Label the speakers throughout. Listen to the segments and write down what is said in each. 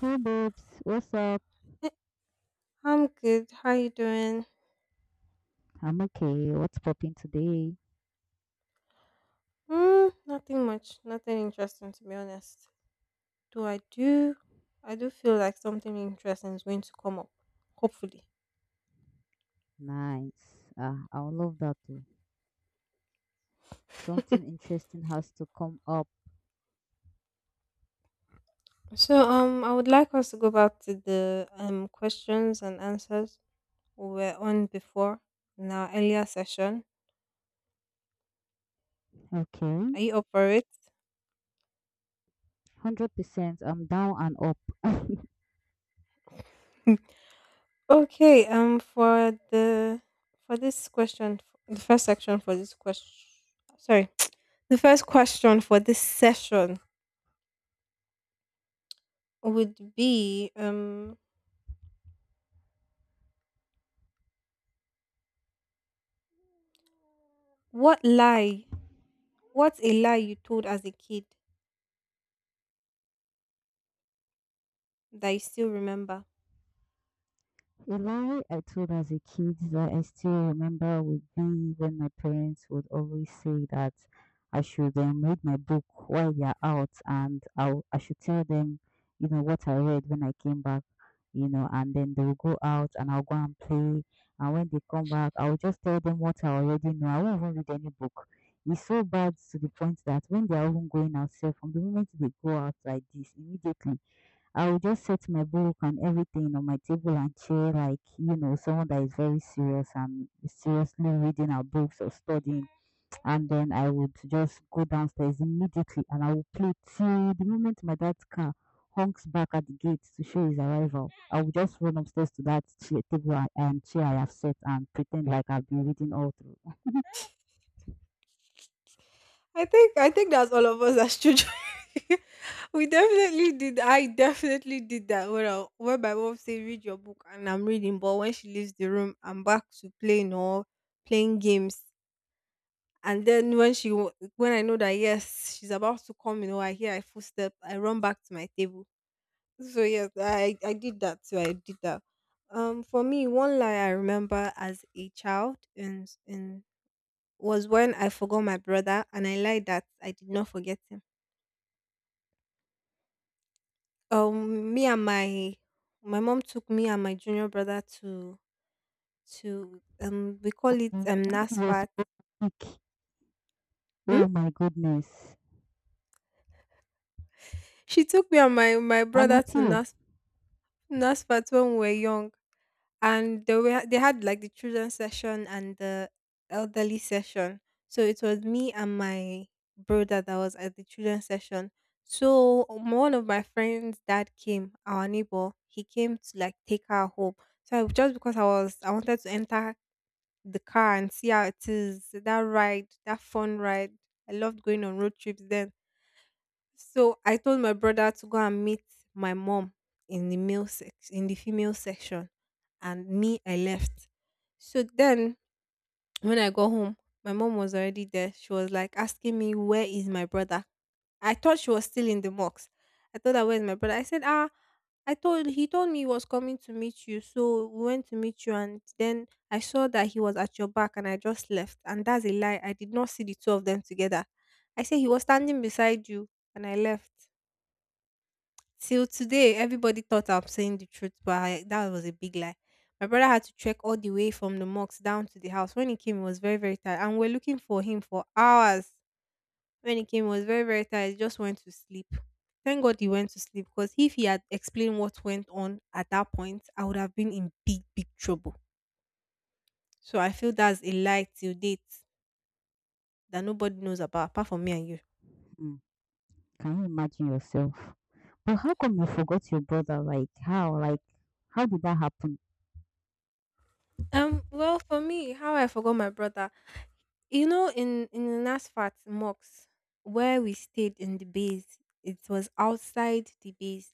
Speaker 1: Hey babes, what's up?
Speaker 2: Eh, I'm good. How you doing?
Speaker 1: I'm okay. What's popping today?
Speaker 2: Nothing much. Nothing interesting to be honest. Do I do I do feel like something interesting is going to come up. Hopefully.
Speaker 1: Nice. Ah, I would love that too. Something interesting has to come up.
Speaker 2: So I would like us to go back to the questions and answers we were on before in our earlier session.
Speaker 1: Okay.
Speaker 2: Are you up for it?
Speaker 1: 100%. I'm down and up.
Speaker 2: Okay, for this question the first section for this question sorry. The first question for this session would be what lie what's a lie you told as a kid that you still remember.
Speaker 1: A lie I told as a kid that I still remember would be when my parents would always say that I should read my book while they're out and I should tell them, you know, what I read when I came back, you know, and then they will go out and I'll go and play. And when they come back, I'll just tell them what I already know. I won't even read any book. It's so bad to the point that when they are even going outside, from the moment they go out like this, immediately I will just set my book and everything on my table and chair, like you know, someone that is very serious and seriously reading our books or studying. And then I would just go downstairs immediately and I will play till the moment my dad's car honks back at the gate to show his arrival. I will just run upstairs to that chair, and chair I have set and pretend like I've been reading all through.
Speaker 2: I think that's all of us as children. We definitely did. I definitely did that. When my mom say read your book, and I'm reading, but when she leaves the room, I'm back to playing or playing games. And then when I know that yes, she's about to come, you know, I hear a footstep, I run back to my table. So yes, I did that too. I did that. For me, one lie I remember as a child in was when I forgot my brother, and I lied that I did not forget him. Me and my mom took me and my junior brother to we call it
Speaker 1: And when we were
Speaker 2: Nasfat.
Speaker 1: supposed to pick,
Speaker 2: Hmm?
Speaker 1: oh my goodness,
Speaker 2: She took me and my
Speaker 1: I'm
Speaker 2: brother
Speaker 1: with
Speaker 2: to
Speaker 1: you.
Speaker 2: Nasfat when we were young, and they had like the children session and the elderly session. So it was me and my brother that was at the children session. So one of my friends' dad came, our neighbor. He came to like take her home. Just because I wanted to enter the car and see how it is. That ride, that fun ride. I loved going on road trips then. So I told my brother to go and meet my mom in the female section, and me, I left. So then when I got home, my mom was already there. She was like asking me, "Where is my brother?" I thought she was still in the mocks. I thought that, "Where's my brother?" I said, "Ah, I told he told me he was coming to meet you. So we went to meet you and then I saw that he was at your back and I just left." And that's a lie. I did not see the two of them together. I said he was standing beside you and I left. Till today, everybody thought I'm saying the truth, but I, that was a big lie. My brother had to trek all the way from the mosque down to the house. When he came, he was very, very tired. And we're looking for him for hours. When he came, he was very, very tired. He just went to sleep. Thank God he went to sleep because if he had explained what went on at that point, I would have been in big, big trouble. So I feel that's a lie till date that nobody knows about apart from me and you.
Speaker 1: Hmm. Can you imagine yourself? But how come you forgot your brother? Like how? Like how did that happen?
Speaker 2: Well, for me, how I forgot my brother. You know, in Nasfat mosque, where we stayed in the base, it was outside the base.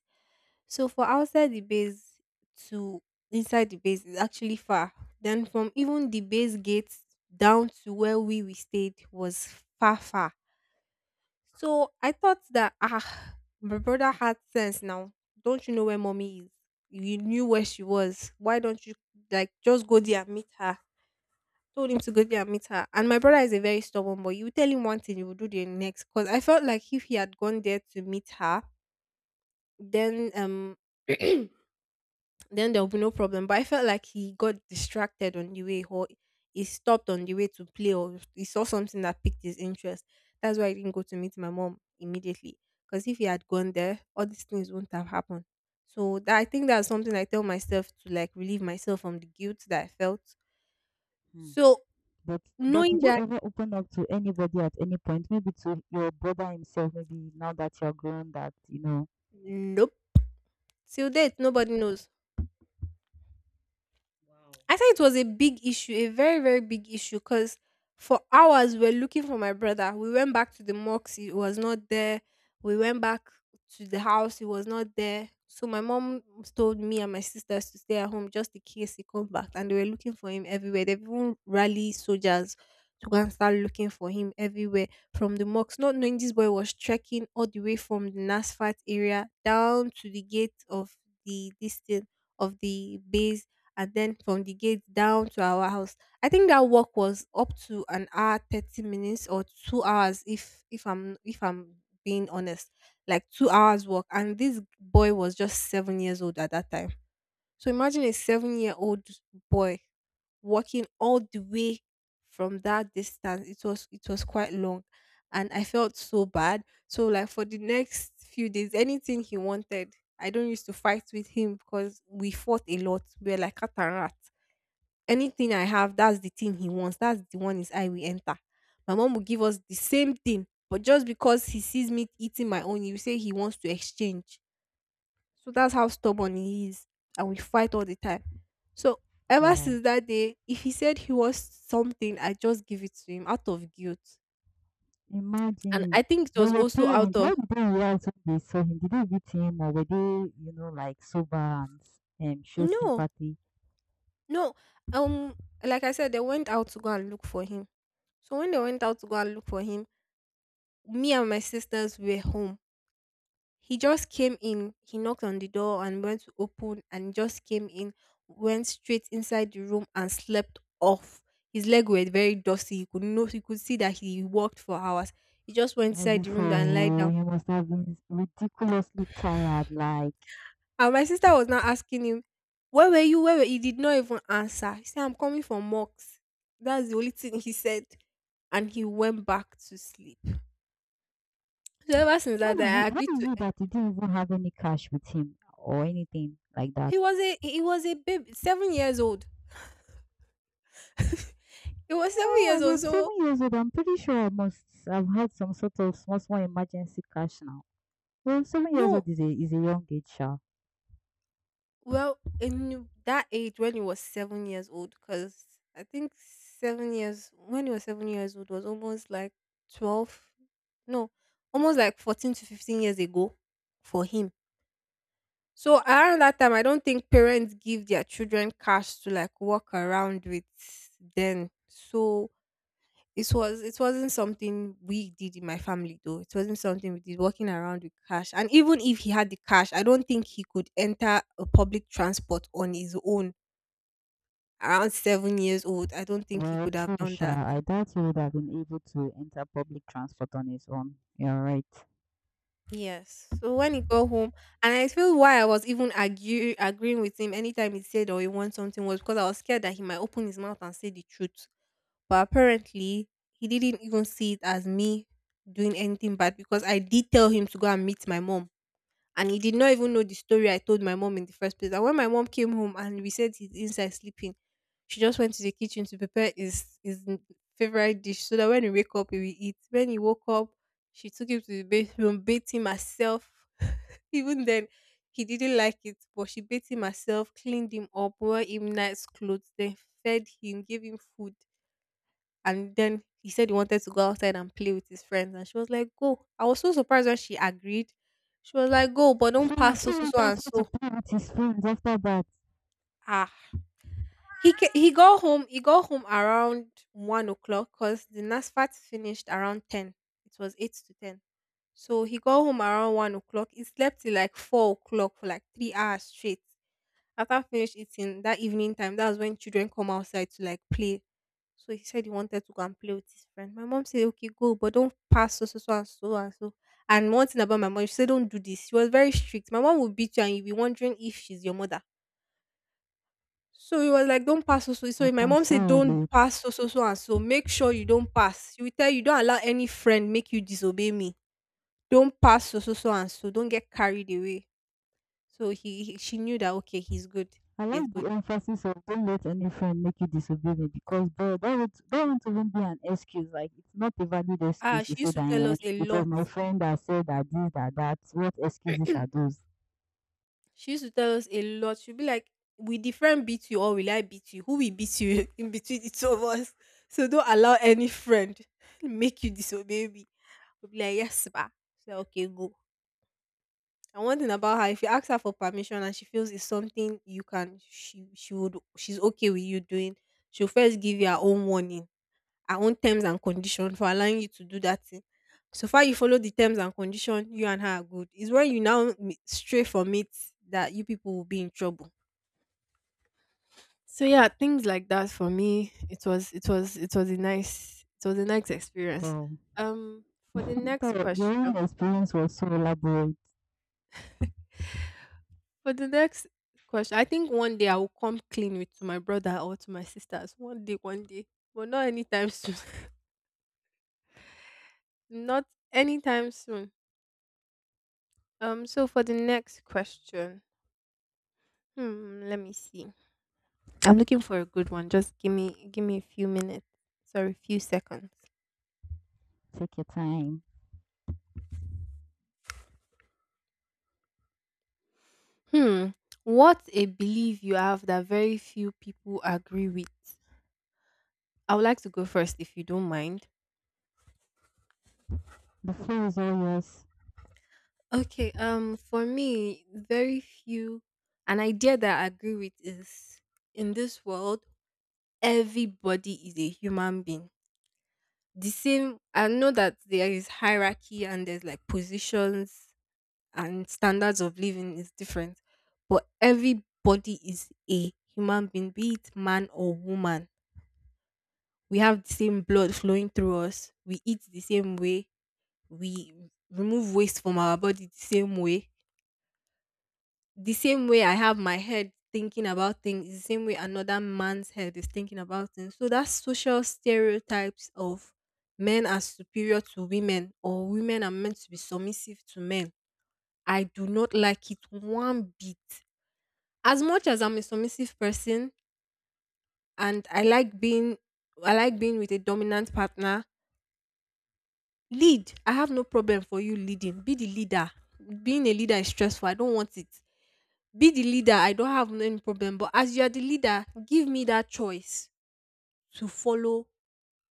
Speaker 2: So for outside the base to inside the base is actually far. Then from even the base gates down to where we stayed was far far. So I thought that ah, my brother had sense now. Don't you know where mommy is? You knew where she was. Why don't you like just go there and meet her? Told him to go there and meet her. And my brother is a very stubborn boy. You tell him one thing, he will do the next. Because I felt like if he had gone there to meet her, then um then there will be no problem. But I felt like he got distracted on the way, or he stopped on the way to play, or he saw something that piqued his interest. That's why I didn't go to meet my mom immediately. Because if he had gone there, all these things wouldn't have happened. So that I think that's something I tell myself to like relieve myself from the guilt that I felt.
Speaker 1: Hmm.
Speaker 2: So
Speaker 1: But but
Speaker 2: knowing
Speaker 1: did you
Speaker 2: that,
Speaker 1: ever open up to anybody at any point? Maybe to your brother himself. Maybe now that you're grown, that you know.
Speaker 2: nope. Till date, nobody knows.
Speaker 1: Wow.
Speaker 2: I said it was a big issue, a very, very big issue because for hours we were looking for my brother. We went back to the mosque, he was not there. We went back to the house, he was not there. So my mom told me and my sisters to stay at home just in case he comes back. And they were looking for him everywhere. They even rally soldiers to go and start looking for him everywhere from the mosque, not knowing this boy was trekking all the way from the Nasfat area down to the gate of the this thing of the base, and then from the gate down to our house. I think that walk was up to an hour, 30 minutes or 2 hours, if I'm being honest. Like 2 hours walk. And this boy was just 7 years old at that time. So imagine a 7 year old boy walking all the way from that distance. It was quite long. And I felt so bad. So like for the next few days, anything he wanted, I don't used to fight with him because we fought a lot. We were like cat and rat. Anything I have, that's the thing he wants. That's the one his eye will enter. My mom will give us the same thing. But just because he sees me eating my own, he will say he wants to exchange. So that's how stubborn he is. And we fight all the time. So ever
Speaker 1: Wow.
Speaker 2: since that day, if he said he was something, I just give it to him out of guilt. And
Speaker 1: Imagine.
Speaker 2: I think it was
Speaker 1: But your
Speaker 2: also out
Speaker 1: parents,
Speaker 2: of—
Speaker 1: how did they react when they saw him? Did they beat him or were they, you know, like sober and show
Speaker 2: No,
Speaker 1: sympathy?
Speaker 2: no. Um, like I said, they went out to go and look for him. So when they went out to go and look for him, me and my sisters were home. He just came in. He knocked on the door and went to open and just came in, went straight inside the room and slept off. His leg were very dusty. You could see that he walked for hours. He just went
Speaker 1: Are you
Speaker 2: inside the
Speaker 1: for
Speaker 2: room and lied down.
Speaker 1: real? You must have been ridiculously tired, like.
Speaker 2: And my sister was now asking him, "Where were you? Where were you?" He did not even answer. He said, "I'm coming from Mox." That's the only thing he said. And he went back to sleep. So ever since that
Speaker 1: How
Speaker 2: day,
Speaker 1: is
Speaker 2: I
Speaker 1: it?
Speaker 2: agreed
Speaker 1: How is
Speaker 2: to—
Speaker 1: it that he didn't even have any cash with him or anything like that?
Speaker 2: He was a baby, 7 years old. It was 7
Speaker 1: Well,
Speaker 2: years
Speaker 1: as
Speaker 2: old,
Speaker 1: at
Speaker 2: so
Speaker 1: 7 years old, I'm pretty sure I must have had some sort of small, small emergency cash now. Well, 7 years
Speaker 2: no,
Speaker 1: old is a young age, sha.
Speaker 2: well, in that age when he was 7 years old, because I think 7 years, when he was 7 years old, was almost like 12, no, almost like 14 to 15 years ago for him. So around that time, I don't think parents give their children cash to like walk around with then. So it was— it wasn't something we did in my family, though. It wasn't something we did, walking around with cash. And even if he had the cash, I don't think he could enter a public transport on his own around 7 years old. I don't think he
Speaker 1: Well,
Speaker 2: could have
Speaker 1: true,
Speaker 2: done
Speaker 1: sha.
Speaker 2: that.
Speaker 1: I doubt he would have been able to enter public transport on his own. You're right.
Speaker 2: Yes. So when he got home, and I feel why I was even argue, agreeing with him anytime he said or he wants something was because I was scared that he might open his mouth and say the truth. But apparently, he didn't even see it as me doing anything bad because I did tell him to go and meet my mom, and he did not even know the story I told my mom in the first place. And when my mom came home and we said he's inside sleeping, she just went to the kitchen to prepare his favorite dish so that when he wake up he will eat. When he woke up, she took him to the bathroom, bathed him herself. Even then, he didn't like it, but she bathed him herself, cleaned him up, wore him nice clothes, then fed him, gave him food, and then he said he wanted to go outside and play with his friends. And she was like, "Go." I was so surprised when she agreed. She was like, "Go, but don't
Speaker 1: So he
Speaker 2: pass so
Speaker 1: still
Speaker 2: so so
Speaker 1: went
Speaker 2: and
Speaker 1: outside to
Speaker 2: so."
Speaker 1: play with his friends after that.
Speaker 2: Ah. He got home around 1 o'clock because the NASFAT finished around 10. It was 8 to 10. So he got home around 1 o'clock. He slept till like 4 o'clock for like 3 hours straight. After I finished eating that evening time, that's when children come outside to like play. So he said he wanted to go and play with his friend. My mom said, okay, go, but don't pass so, so, so, and so, and so. And one thing about my mom, she said, don't do this. She was very strict. My mom would beat you and you'd be wondering if she's your mother. So he was like, don't pass so, so. So
Speaker 1: I
Speaker 2: my
Speaker 1: can
Speaker 2: mom
Speaker 1: so
Speaker 2: said, don't
Speaker 1: relate.
Speaker 2: pass so, so, so, and so. Make sure you don't pass. She will tell you, don't allow any friend make you disobey me. Don't pass so, so, so, and so. Don't get carried away. So he she knew that, okay, he's good.
Speaker 1: I
Speaker 2: He's
Speaker 1: like
Speaker 2: good.
Speaker 1: the emphasis of don't let any friend make you disobey me because bro, that won't even be an excuse. Like it's not a valid
Speaker 2: Ah,
Speaker 1: excuse to
Speaker 2: she used
Speaker 1: say
Speaker 2: to tell
Speaker 1: that eh,
Speaker 2: us
Speaker 1: it
Speaker 2: a
Speaker 1: was
Speaker 2: lot.
Speaker 1: my friend that said that this that that. What excuses are those?
Speaker 2: She used to tell us a lot. She'd be like, will different beat you or will I beat you? Who will beat you in between the two of us? So don't allow any friend make you disobey me. We'll be like, yes, ba. She's like, okay, go. And one thing about her, if you ask her for permission and she feels it's something you can she would she's okay with you doing, she'll first give you her own warning, her own terms and condition for allowing you to do that thing. So far you follow the terms and condition, you and her are good. It's when you now stray from it that you people will be in trouble. So yeah, things like that for me, it was a nice experience.
Speaker 1: Bro,
Speaker 2: Um for the next
Speaker 1: but your own
Speaker 2: question.
Speaker 1: experience was so elaborate.
Speaker 2: For the next I think one day I will come clean with to my brother or to my sisters. One day, one day. But not anytime soon. not anytime soon. So for the next question. Let me see. I'm looking for a good one. Just give me a few minutes. Sorry, few seconds.
Speaker 1: Take your time.
Speaker 2: Hmm. What's a belief you have that very few people agree with? I would like to go first if you don't mind.
Speaker 1: The floor is all yours.
Speaker 2: Okay, for me, very few an idea that I agree with is in this world, everybody is a human being. The same I know that there is hierarchy and there's like positions and standards of living is different, but everybody is a human being, be it man or woman. We have the same blood flowing through us, we eat the same way, we remove waste from our body the same way. The same way I have my head thinking about things, is the same way another man's head is thinking about things. So that social stereotypes of men are superior to women or women are meant to be submissive to men. I do not like it one bit. As much as I'm a submissive person and I like being with a dominant partner, lead. I have no problem for you leading. Be the leader. Being a leader is stressful. I don't want it. Be the leader. I don't have any problem. But as you are the leader, give me that choice to follow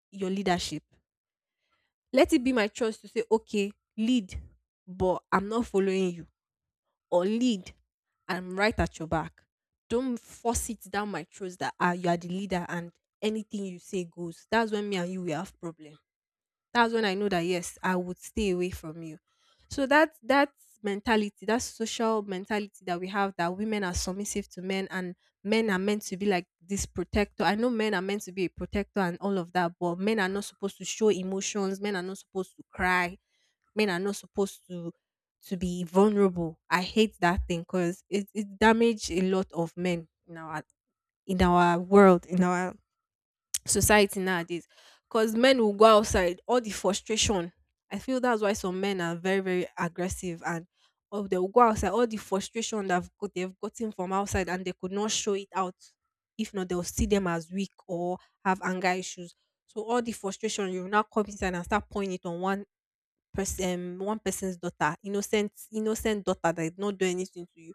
Speaker 2: your leadership. Let it be my choice to say, okay, lead, but I'm not following you. Or lead, I'm right at your back. Don't force it down my throat that you are the leader and anything you say goes. That's when me and you will have problem. That's when I know that yes, I would stay away from you. So that mentality, that social mentality that we have that women are submissive to men and men are meant to be like this protector. I know men are meant to be a protector and all of that, but men are not supposed to show emotions, men are not supposed to cry, men are not supposed to be vulnerable. I hate that thing because it damaged a lot of men in our world, in our society nowadays. Because men will go outside all the frustration, I feel that's why some men are very very aggressive. And oh, they will go outside all the frustration that they've gotten from outside and they could not show it out. If not, they'll see them as weak or have anger issues. So all the frustration you will now come inside and start pouring it on one one person's daughter, innocent, innocent daughter that did not do anything to you.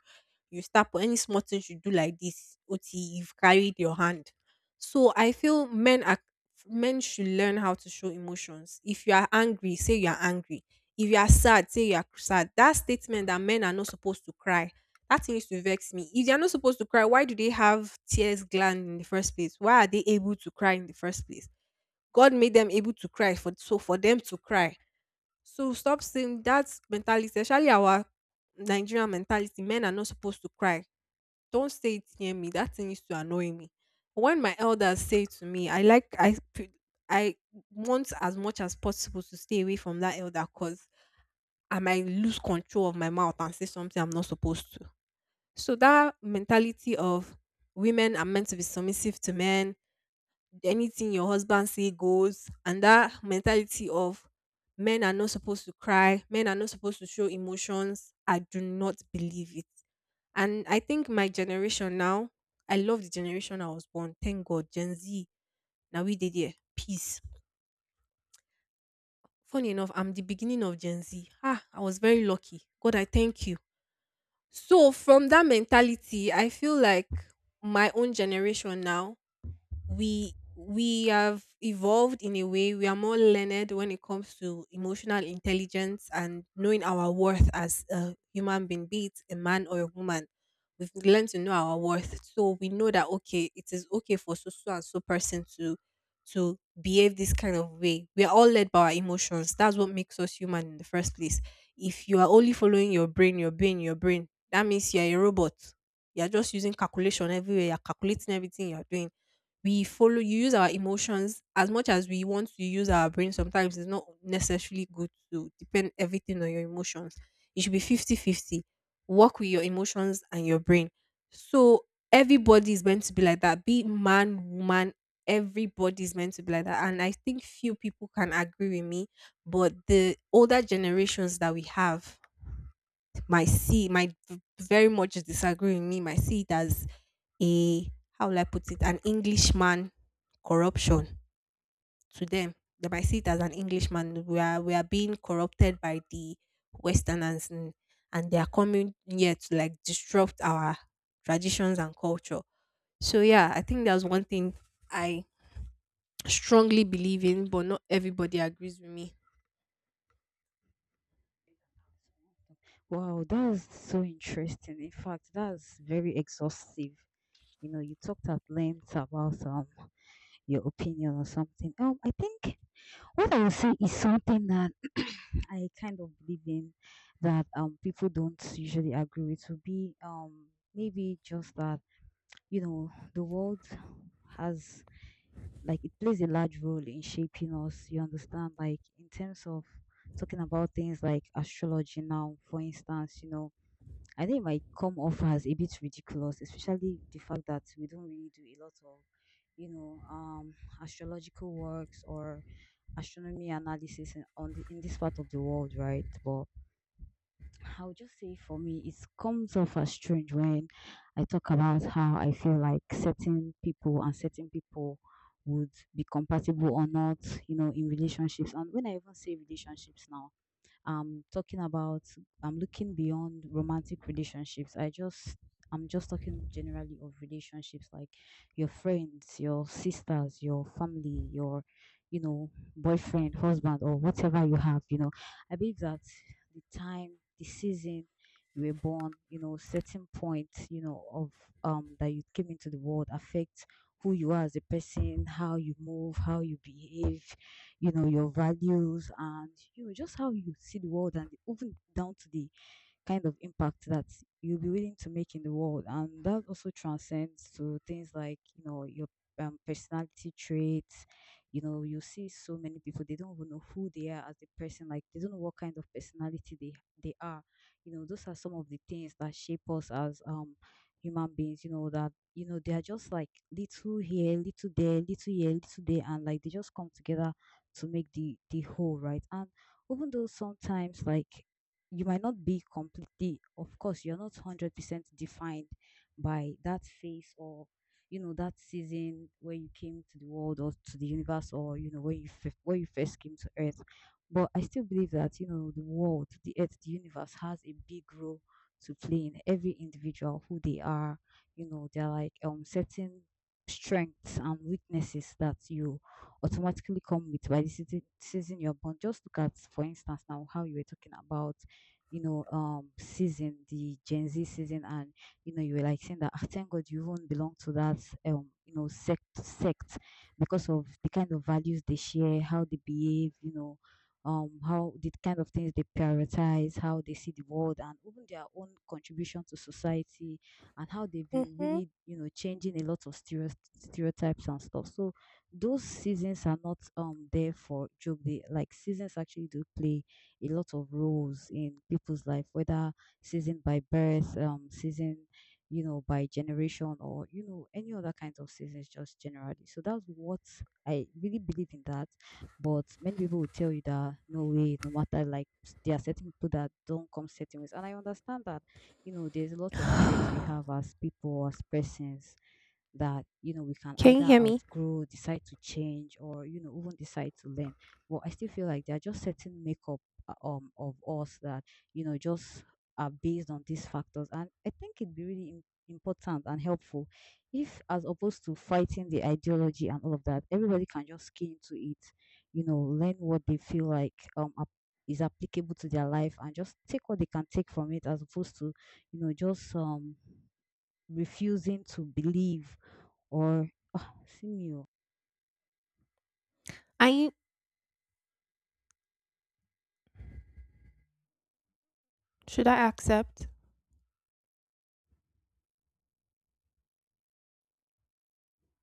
Speaker 2: You start for any small thing you do like this, Oti, you've carried your hand. So I feel men should learn how to show emotions. If you are angry, say you are angry. If you are sad, say you are sad. That statement that men are not supposed to cry, that thing used to vex me. If they are not supposed to cry, why do they have tears gland in the first place? Why are they able to cry in the first place? God made them able to cry for them to cry. So stop saying that mentality, especially our Nigerian mentality, men are not supposed to cry. Don't say it near me. That thing used to annoy me. When my elders say to me, I like I p- I want as much as possible to stay away from that elder because I might lose control of my mouth and say something I'm not supposed to. So that mentality of women are meant to be submissive to men, anything your husband say goes, and that mentality of men are not supposed to cry, men are not supposed to show emotions, I do not believe it. And I think my generation now, I love the generation I was born. Thank God, Gen Z. Now we did it, peace. Funny enough, I'm the beginning of Gen Z. Ah, I was very lucky. God, I thank you. So from that mentality, I feel like my own generation now, we have evolved in a way. We are more learned when it comes to emotional intelligence and knowing our worth as a human being, be it a man or a woman. We've learned to know our worth, so we know that okay, it is okay for so so and so person to behave this kind of way. We are all led by our emotions. That's what makes us human in the first place. If you are only following your brain, your brain, your brain, that means you're a robot. You're just using calculation everywhere, you're calculating everything you're doing. We follow you use our emotions as much as we want to use our brain. Sometimes it's not necessarily good to depend everything on your emotions. It should be fifty-fifty. Work with your emotions and your brain. So everybody is meant to be like that, be it man, woman. Everybody is meant to be like that, and I think few people can agree with me. But the older generations that we have, might see might v- very much disagree with me, might see it as a how will I put it, an Englishman corruption to them. They might see it as an Englishman. We are being corrupted by the Westerners, and they are coming here to like disrupt our traditions and culture. So yeah, I think that's one thing I strongly believe in, but not everybody agrees with me.
Speaker 1: Wow, that's so interesting. In fact, that's very exhaustive. You know, you talked at length about your opinion or something. I think what I would say is something that I kind of believe in that people don't usually agree with would be maybe just that you know the world has like it plays a large role in shaping us. You understand, like in terms of talking about things like astrology now, for instance, you know I think it might come off as a bit ridiculous, especially the fact that we don't really do a lot of, you know, astrological works or astronomy analysis in this part of the world, right? But I would just say for me, it comes off as strange when I talk about how I feel like certain people and certain people would be compatible or not, you know, in relationships. And when I even say relationships now, I'm talking about I'm looking beyond romantic relationships. I'm just talking generally of relationships like your friends, your sisters, your family, your you know, boyfriend, husband or whatever you have, you know. I believe that the time, the season you were born, you know, certain point, you know, of that you came into the world affect who you are as a person, how you move, how you behave, you know your values and you know just how you see the world and even down to the kind of impact that you'll be willing to make in the world. And that also transcends to things like, you know, your personality traits. You know, you see so many people, they don't even know who they are as a person, like they don't know what kind of personality they are. You know, those are some of the things that shape us as human beings, you know, that you know, they are just like little here, little there, little here, little there, and like they just come together to make the whole, right? And even though sometimes like you might not be completely of course you're not 100% defined by that phase or you know that season where you came to the world or to the universe or you know when when you first came to earth, but I still believe that you know the world, the earth, the universe has a big role to play in every individual who they are. You know, they're like certain strengths and weaknesses that you automatically come with by the season you're born. Just look at for instance now how you were talking about you know, season, the Gen Z season, and you know, you were like saying that, "Ah, thank God you even belong to that, you know, sect, because of the kind of values they share, how they behave, you know, how the kind of things they prioritize, how they see the world, and even their own contribution to society, and how they've been
Speaker 2: Hmm.
Speaker 1: really, you know, changing a lot of stereotypes and stuff. So those seasons are not there for joke. They like seasons actually do play a lot of roles in people's life, whether season by birth, season, you know, by generation, or you know, any other kinds of seasons, just generally. So that's what I really believe in that. But many people will tell you that no way, no matter like there are certain people that don't come certain ways, and I understand that. You know, there's a lot of traits we have as people, as persons that you know we can
Speaker 2: Can you
Speaker 1: either
Speaker 2: hear me?
Speaker 1: outgrow, decide to change, or you know even decide to learn, but I still feel like they're just setting makeup of us that you know just are based on these factors, and I think it'd be really important and helpful if as opposed to fighting the ideology and all of that everybody can just skin into it, you know, learn what they feel like is applicable to their life and just take what they can take from it as opposed to you know just refusing to believe 어, 신이요.
Speaker 2: I should I accept?